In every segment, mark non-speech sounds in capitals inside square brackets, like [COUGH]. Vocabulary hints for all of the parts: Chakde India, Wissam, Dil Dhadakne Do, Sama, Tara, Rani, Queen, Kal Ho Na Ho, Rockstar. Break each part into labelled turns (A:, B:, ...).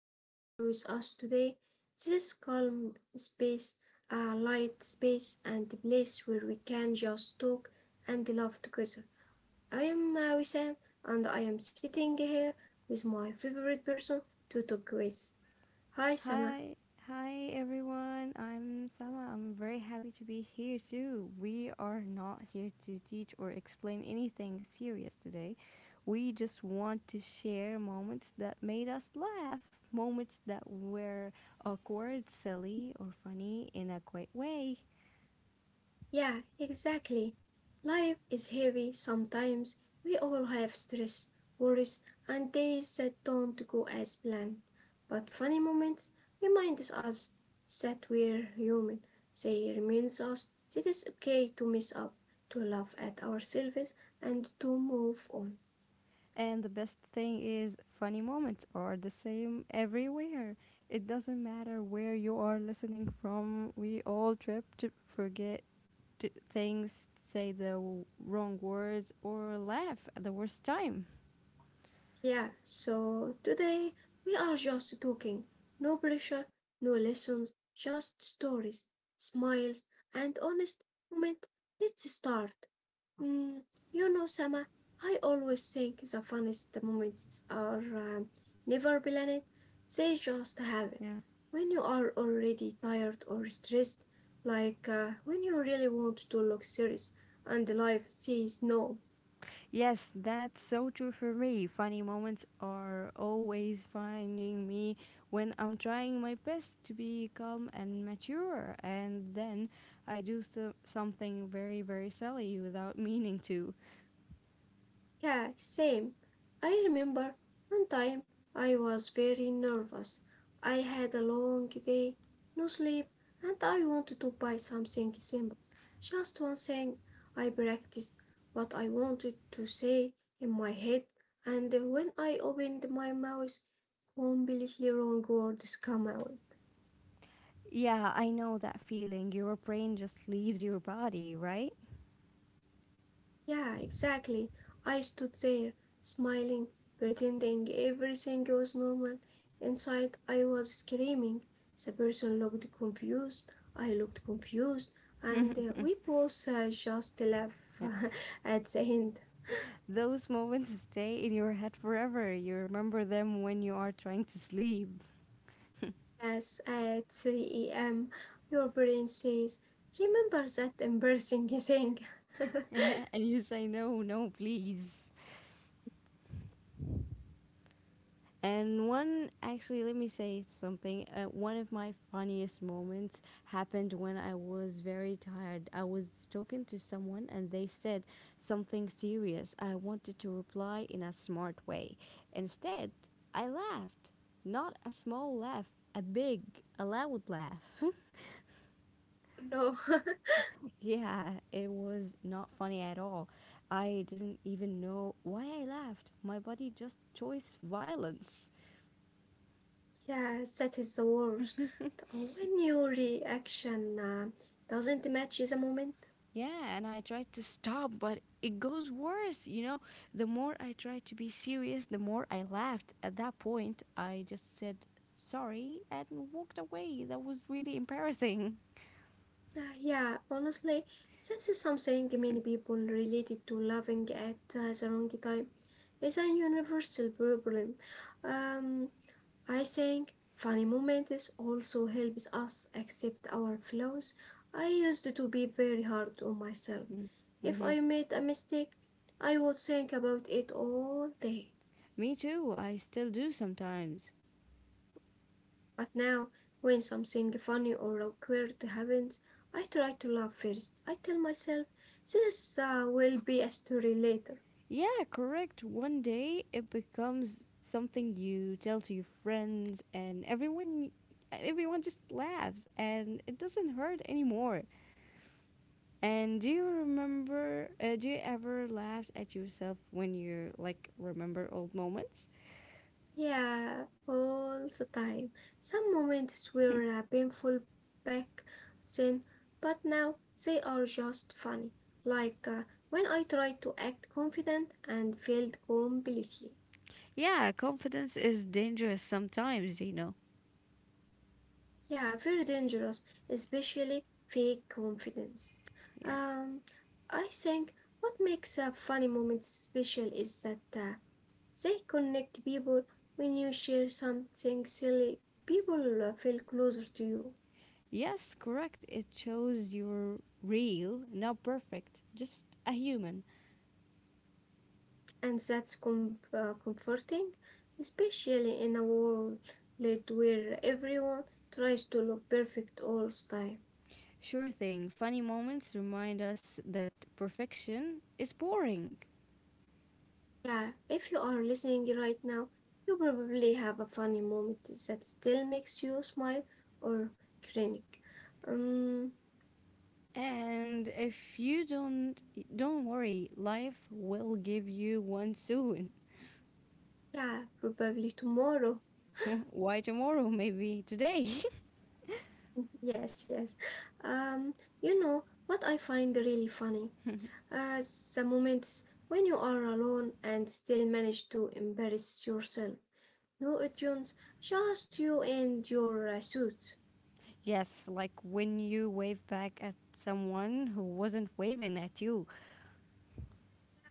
A: you are here with us today. This calm space, a light space, and a place where we can just talk and laugh together. I am Wissam, and I am sitting here with my favorite person to talk with. Hi, Sama.
B: Hi, hi everyone. I'm Sama. I'm very happy to be here too. We are not here to teach or explain anything serious today. We just want to share moments that made us laugh, moments that were awkward, silly, or funny in a quiet way.
A: Yeah, exactly. Life is heavy sometimes. We all have stress, worries, and days that don't go as planned. But funny moments remind us that we're human. They remind us that it's okay to mess up, to laugh at ourselves, and to move on.
B: And the best thing is, funny moments are the same everywhere. It doesn't matter where you are listening from, we all trip to forget things, say the wrong words, or laugh at the worst time.
A: Yeah, so today we are just talking. No pressure, no lessons, just stories, smiles, and honest moment. Let's start. Mm, you know, Sama, I always think the funniest moments are never planned, they just happen.
B: Yeah.
A: When you are already tired or stressed, like when you really want to look serious and life says no.
B: Yes, that's so true for me. Funny moments are always finding me when I'm trying my best to be calm and mature, and then I do something very, very silly without [LAUGHS] meaning to.
A: Yeah, same. I remember one time I was very nervous. I had a long day, no sleep, and I wanted to buy something simple. Just one thing I practiced what I wanted to say in my head, and when I opened my mouth, completely wrong words come out.
B: Yeah, I know that feeling. Your brain just leaves your body, right?
A: Yeah, exactly. I stood there, smiling, pretending everything was normal. Inside, I was screaming. The person looked confused. I looked confused. And we both just left
B: Yeah.
A: [LAUGHS] at the end.
B: Those moments stay in your head forever. You remember them when you are trying to sleep.
A: Yes, at 3 a.m., your brain says, remember that embarrassing thing? [LAUGHS]
B: And you say no, no, please. And one, actually, let me say something. One of my funniest moments happened when I was very tired. I was talking to someone and they said something serious. I wanted to reply in a smart way. Instead, I laughed. Not a small laugh, a big, a loud laugh.
A: No.
B: [LAUGHS] Yeah, it was not funny at all. I didn't even know why I laughed. My body just chose violence.
A: [LAUGHS] Yes, that is the worst. When your reaction doesn't match the moment.
B: Yeah, and I tried to stop, but it goes worse. You know, the more I tried to be serious, the more I laughed. At that point, I just said sorry and walked away. That was really embarrassing.
A: Yeah, honestly, that's something many people related to laughing at the wrong time. It's a universal problem. Um, I think funny moments also helps us accept our flaws. I used to be very hard on myself. If
B: Mm-hmm.
A: I made a mistake, I would think about it all day.
B: Me too, I still do sometimes.
A: But now, when something funny or awkward happens, I try to laugh first. I tell myself, this will be a story later.
B: Yeah, correct. One day it becomes something you tell to your friends and everyone just laughs and it doesn't hurt anymore. And do you remember? Do you ever laugh at yourself when you like remember old moments?
A: Yeah, all the time. Some moments were painful back then, but now they are just funny. Like when I tried to act confident and failed completely.
B: Yeah, confidence is dangerous sometimes, you know.
A: Yeah, very dangerous, especially fake confidence.
B: Yeah.
A: Um, I think what makes a funny moment special is that they connect people when you share something silly. People feel closer to you,
B: Yes, correct. It shows you're real, not perfect, just a human.
A: and that's comforting, especially in a world where everyone tries to look perfect all the time.
B: Sure thing. Funny moments remind us that perfection is boring.
A: Yeah, if you are listening right now, you probably have a funny moment that still makes you smile or cringe. Um,
B: And if you don't worry, life will give you one soon.
A: yeah, probably tomorrow. [LAUGHS]
B: [LAUGHS] Why tomorrow? Maybe today. [LAUGHS]
A: Yes, yes. Um, you know what I find really funny? Uh, the moments when you are alone and still manage to embarrass yourself. No audience, just you and your suits.
B: Yes, like when you wave back at someone who wasn't waving at you.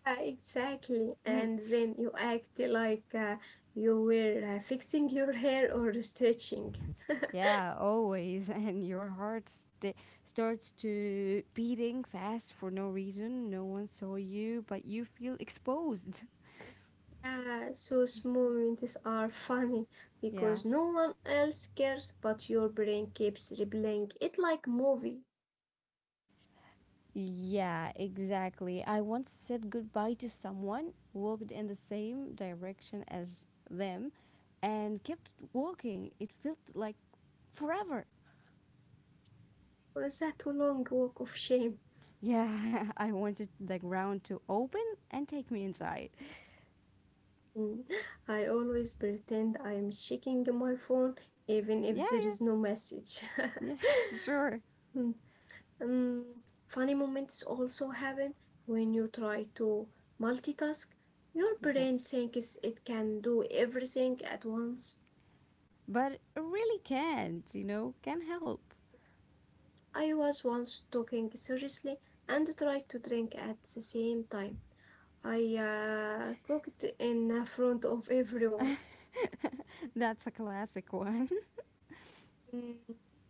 A: Yeah, exactly. And
B: [LAUGHS]
A: then you act like you were fixing your hair or stretching.
B: Yeah, always. [LAUGHS] And your starts to beating fast for no reason. No one saw you, but you feel exposed. [LAUGHS]
A: Yeah, those moments are funny
B: Yeah.
A: because no one else cares, but your brain keeps replaying it like movie.
B: Yeah, exactly. I once said goodbye to someone, walked in the same direction as them, and kept walking. It felt like forever.
A: Was that a long walk of shame?
B: Yeah, [LAUGHS] I wanted the ground to open and take me inside.
A: Mm. [LAUGHS] I always pretend I'm checking my phone even if there
B: Yeah,
A: is no message. [LAUGHS]
B: yeah, yeah, [LAUGHS] sure.
A: [LAUGHS] Um, funny moments also happen when you try to multitask. Your
B: Yeah.
A: brain thinks it can do everything at once.
B: But it really can't, you know, can't help.
A: I was once talking seriously and tried to drink at the same time. I cooked in front of everyone.
B: That's a classic one.
A: Mm,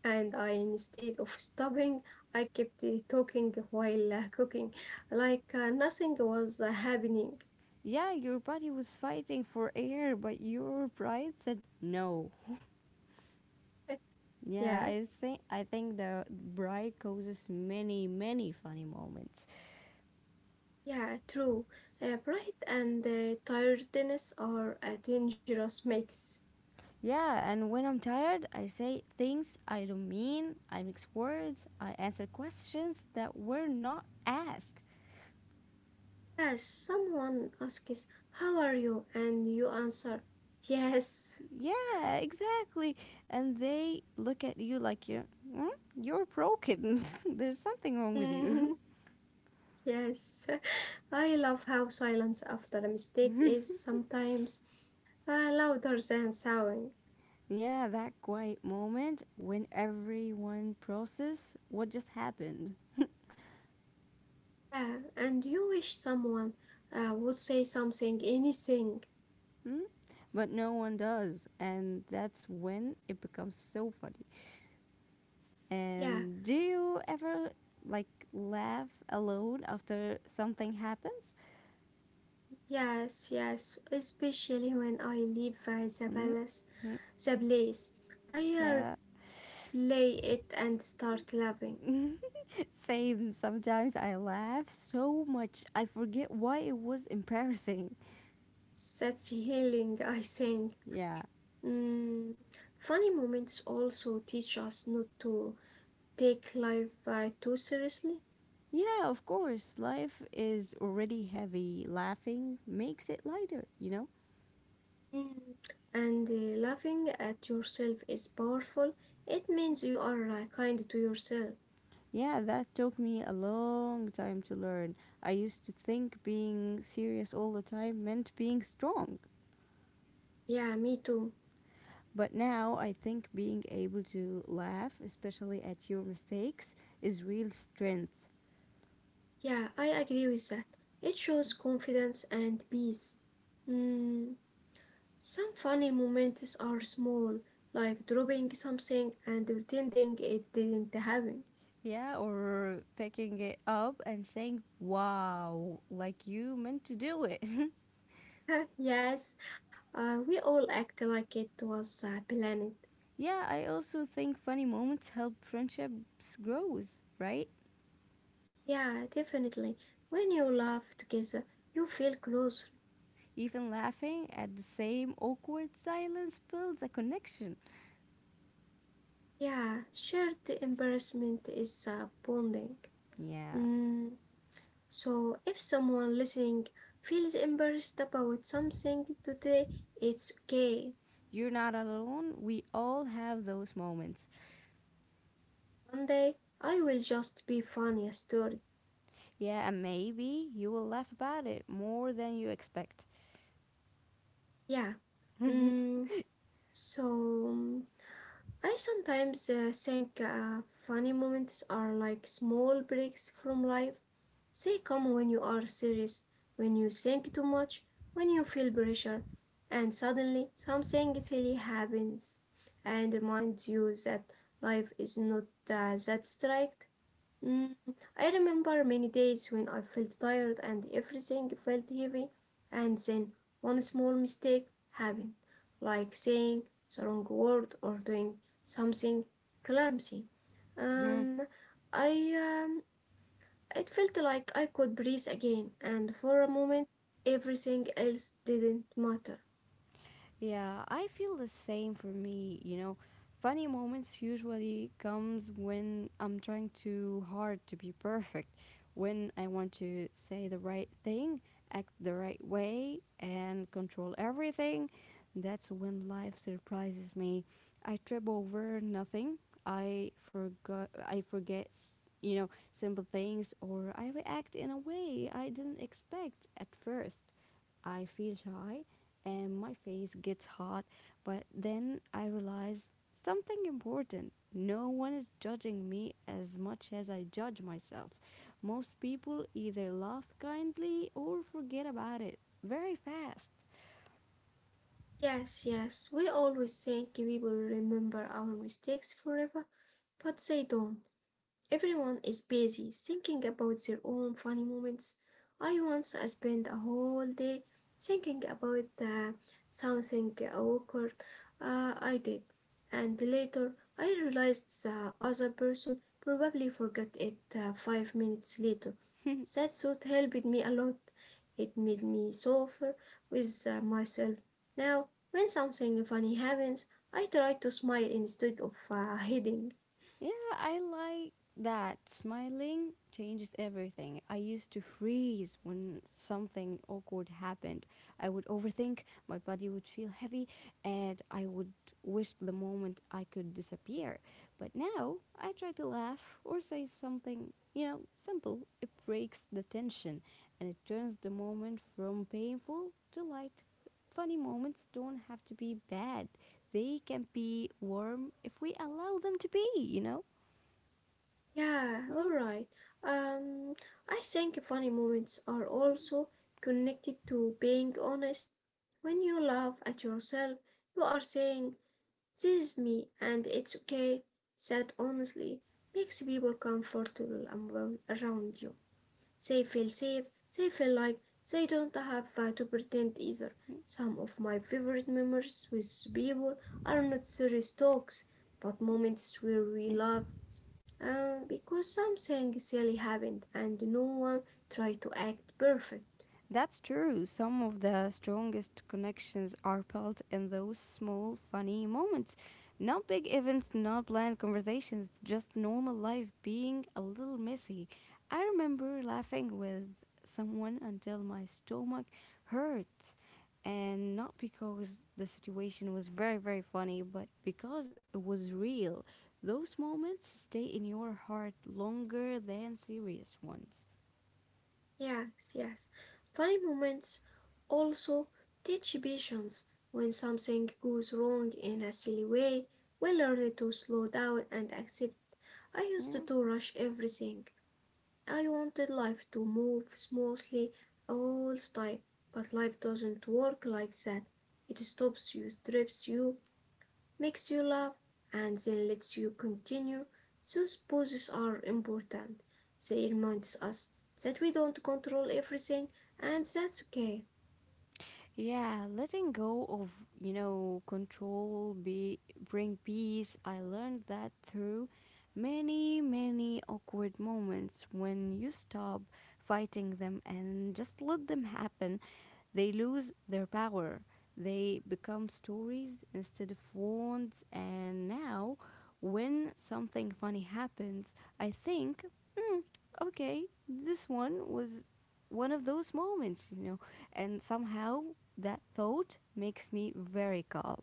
A: And I, instead of stopping, I kept talking while cooking, like nothing was happening.
B: [LAUGHS] Yeah, your body was fighting for air, but your pride said no.
A: [LAUGHS] Yeah.
B: Yeah, I think the bride causes many, many funny moments.
A: Yeah, true. Pride and tiredness are a dangerous mix.
B: Yeah, and when I'm tired, I say things I don't mean. I mix words. I answer questions that were not asked.
A: Yes, someone asks, how are you? And you answer, yes.
B: Yeah, exactly. And they look at you like you're, "Hmm? You're broken. [LAUGHS] There's something wrong with you."
A: Mm,
B: [LAUGHS]
A: [LAUGHS] yes. [LAUGHS] I love how silence after a mistake is sometimes louder than sound.
B: Yeah, that quiet moment when everyone process what just happened.
A: Yeah, and you wish someone would say something, anything.
B: Hmm? But no one does. And that's when it becomes so funny.
A: Yeah.
B: And do you ever like laugh alone after something happens?
A: Yes, yes, especially when I live by the
B: Mm,
A: palace,
B: mm,
A: the place. I
B: yeah.
A: play it and start laughing.
B: [LAUGHS] Same, sometimes I laugh so much I forget why it was [LAUGHS] embarrassing.
A: That's healing, [LAUGHS] I think.
B: Yeah.
A: Mm. Funny moments also teach us not to take life too seriously.
B: Yeah, of course. Life is already heavy. Laughing makes it lighter, you know?
A: Mm. And laughing at yourself is powerful. It means you are kind to yourself.
B: Yeah, that took me a long time to learn. I used to think being serious all the time meant being strong.
A: Yeah, me too.
B: But now I think being able to laugh, especially at your mistakes, is real strength.
A: Yeah, I agree with that. It shows confidence and peace. Mm, some funny moments are small, like dropping something and pretending it didn't happen.
B: Yeah, or picking it up and saying, wow, like you meant to do it.
A: [LAUGHS] Yes, we all act like it was a planet.
B: [LAUGHS] Yeah, I also think funny moments help friendships grows, right?
A: Yeah, definitely. When you laugh together, you feel closer.
B: Even laughing at the same awkward silence builds a connection.
A: Yeah, shared embarrassment is bonding.
B: Yeah,
A: Mm. So, if someone listening feels embarrassed about something today, it's okay.
B: you're not alone. We all have those moments.
A: One day I will just be funny a story.
B: Yeah, and maybe you will laugh about it more than you expect.
A: Yeah. Mm, so, I sometimes think funny moments are like small breaks from life. Stay calm when you are serious, when you think too much, when you feel pressure, and suddenly something silly happens and reminds you that life is not that strict. Mm, I remember many days when I felt tired and everything felt heavy, and then one small mistake happened, like saying the wrong word or doing something clumsy.
B: Mm-hmm.
A: Um, I um, it felt like I could breathe again, and for a moment everything else didn't matter.
B: Yeah, I feel the same for me, you know. Funny moments usually comes when I'm trying too hard to be perfect, when I want to say the right thing, act the right way, and control everything. That's when life surprises me. I trip over nothing. I forget, you know, simple things or I react in a way I didn't expect at first. I feel shy and my face gets hot, but then I realize something important. No one is judging me as much as I judge myself. Most people either laugh kindly or forget about it very fast.
A: Yes, yes, we always think people remember our mistakes forever, but they don't. Everyone is busy thinking about their own funny moments. I spent a whole day thinking about something awkward I did, and later I realized the other person probably forgot it 5 minutes later. That thought helped me a lot. It made me softer with myself. Now, when something funny happens, I try to smile instead of hiding.
B: Yeah, I like that. Smiling changes everything. I used to freeze when something awkward happened. I would overthink, my body would feel heavy, and I would wish the moment I could disappear. But now I try to laugh or say something, you know, simple. It breaks the tension and it turns the moment from painful to light. Funny moments don't have to be bad. They can be warm if we allow them to be, you know?
A: Yeah,
B: Mm.
A: alright. Um, I think funny moments are also connected to being honest. When you laugh at yourself, you are saying, this is me and it's okay. That honestly makes people comfortable amo- around you. They feel safe. They feel like they don't have to pretend either. Some of my favorite memories with people are not serious talks, but moments where we laugh because something silly happened and no one tried to act perfect.
B: That's true. Some of the strongest connections are built in those small, funny moments. Not big events, not planned conversations, just normal life being a little messy. I remember laughing with someone until my stomach hurt. And not because the situation was very, very funny, but because it was real. Those moments stay in your heart longer than serious ones.
A: Yes, yes. Funny moments also teach patience. When something goes wrong in a silly way, we learn to slow down and accept. I used
B: Yeah.
A: to rush everything. I wanted life to move smoothly all the time, but life doesn't work like that. It stops you, strips you, makes you laugh, and then lets you continue. Those pauses are important. They remind us that we don't control everything, and that's okay.
B: Yeah, letting go of, you know, control be bring peace. I learned that through many, many awkward moments when you stop fighting them and just let them happen. They lose their power. They become stories instead of wounds. And now, when something funny happens, I think, mm, okay, this one was one of those moments, you know. And somehow that thought makes me very calm.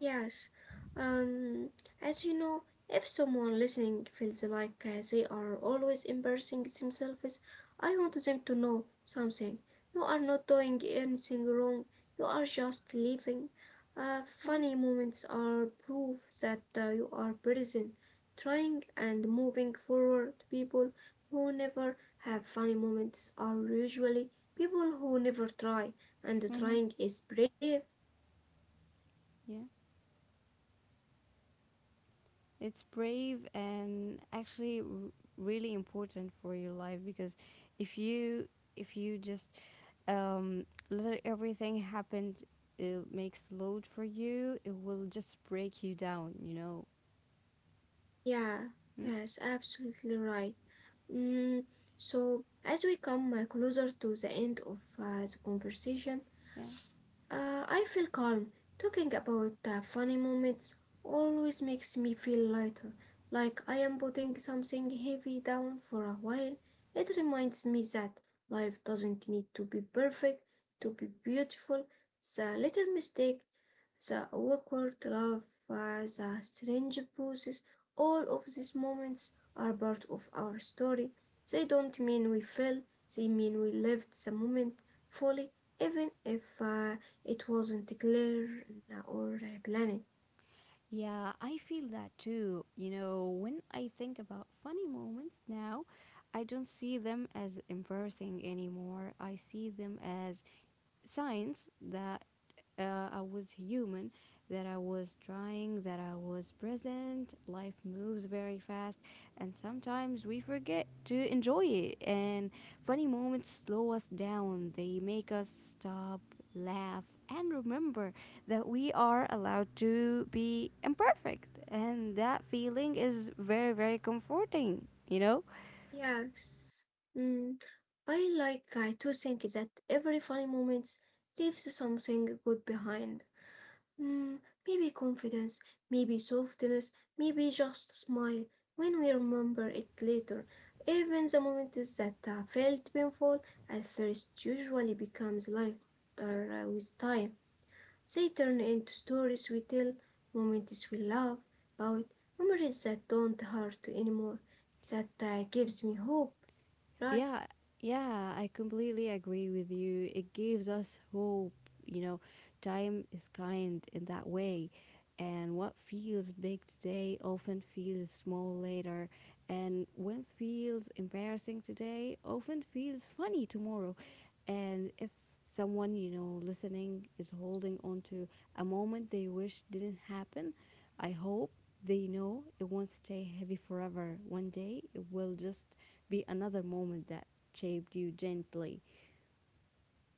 A: Yes. Um, as you know, if someone listening feels like they are always embarrassing themselves, I want them to know something. You are not doing anything wrong. You are just living.
B: Mm-hmm.
A: Funny moments are proof that you are present, trying and moving forward. People who never have funny moments are usually people who never try, and
B: Mm-hmm.
A: trying is brave.
B: Yeah. It's brave and really important for your life because if you if you just let everything happen, it makes load for you. It will just break you down. You know.
A: Yeah,
B: Mm,
A: yes, absolutely right. Mm, so, as we come closer to the end of the conversation,
B: yeah.
A: I feel calm. Talking about funny moments always makes me feel lighter, like I am putting something heavy down for a while. It reminds me that life doesn't need to be perfect to be beautiful. The little mistake, the awkward love, the strange pauses, all of these moments are part of our story. They don't mean we failed, they mean we lived the moment fully even if it wasn't clear or planned.
B: Yeah, I feel that too. You know, when I think about funny moments now, I don't see them as embarrassing anymore. I see them as signs that I was human, that I was trying, that I was present. Life moves very fast, and sometimes we forget to enjoy it. And funny moments slow us down, they make us stop, laugh, and remember that we are allowed to be imperfect. And that feeling is very, very comforting, you know?
A: Yes. Mm. I like to think that every funny moment leaves something good behind. Mm, maybe confidence, maybe softness, maybe just a smile when we remember it later. Even the moments that felt painful at first usually becomes lighter with time. They turn into stories we tell, moments we love, about, memories that don't hurt anymore. That gives me hope, right?
B: Yeah, yeah, I completely agree with you. It gives us hope. You know, time is kind in that way. And what feels big today often feels small later. And what feels embarrassing today often feels funny tomorrow. And if someone, you know, listening is holding on to a moment they wish didn't happen, I hope they know it won't stay heavy forever. One day it will just be another moment that shaped you gently.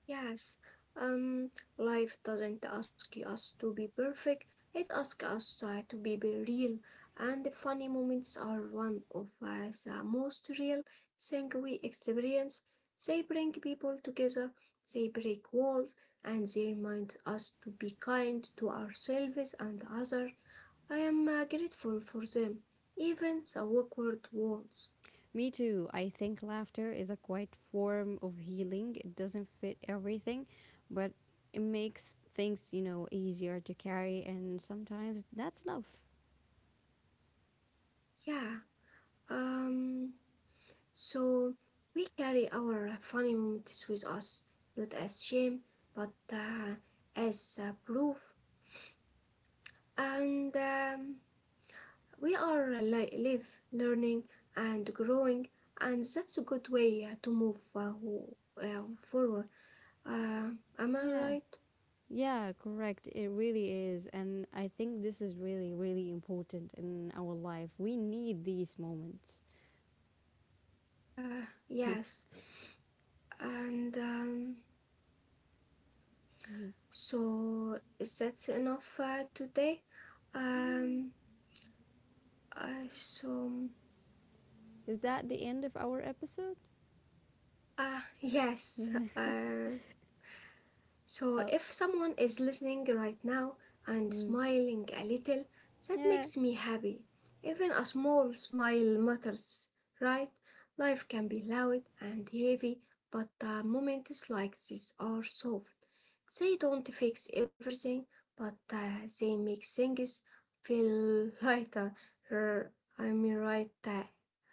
A: Yes, um, life doesn't ask us to be perfect. It asks us to be real, and the funny moments are one of the most real thing we experience. They bring people together, they break walls, and they remind us to be kind to ourselves and others. I am grateful for them, even the awkward ones.
B: Me too. I think laughter is a quiet form of healing. It doesn't fit everything, but it makes things, you know, easier to carry, and sometimes that's enough.
A: Yeah. Um. So we carry our funny moments with us, not as shame, but as proof. And we are live, learning, and growing, and that's a good way to move forward. Uh, am I
B: Yeah.
A: right?
B: Yeah, correct. It really is. And I think this is really, really important in our life. We need these moments.
A: Yes. And so is that enough today? Um, uh, so.
B: Is that the end of our episode? [LAUGHS]
A: Ah, [LAUGHS] yes.
B: Yeah.
A: So,
B: Oh,
A: if someone is listening right now and
B: mm.
A: smiling a little, that
B: Yeah.
A: makes me happy. Even a small smile matters, right? Life can be loud and heavy, but moments like this are soft. They don't fix everything, but they make things feel lighter. Er, I mean, right, uh,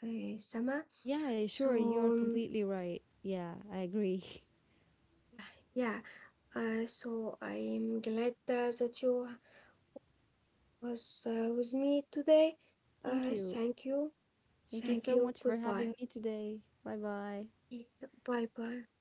A: uh, Sama?
B: Yeah,
A: So,
B: sure. You're completely right. Yeah, I agree.
A: yeah, so I'm glad that you was with me today.
B: [LAUGHS] Thank you.
A: Thank you.
B: Thank you
A: Thank
B: so
A: you.
B: much for
A: Goodbye.
B: having me today. Bye bye.
A: Bye bye.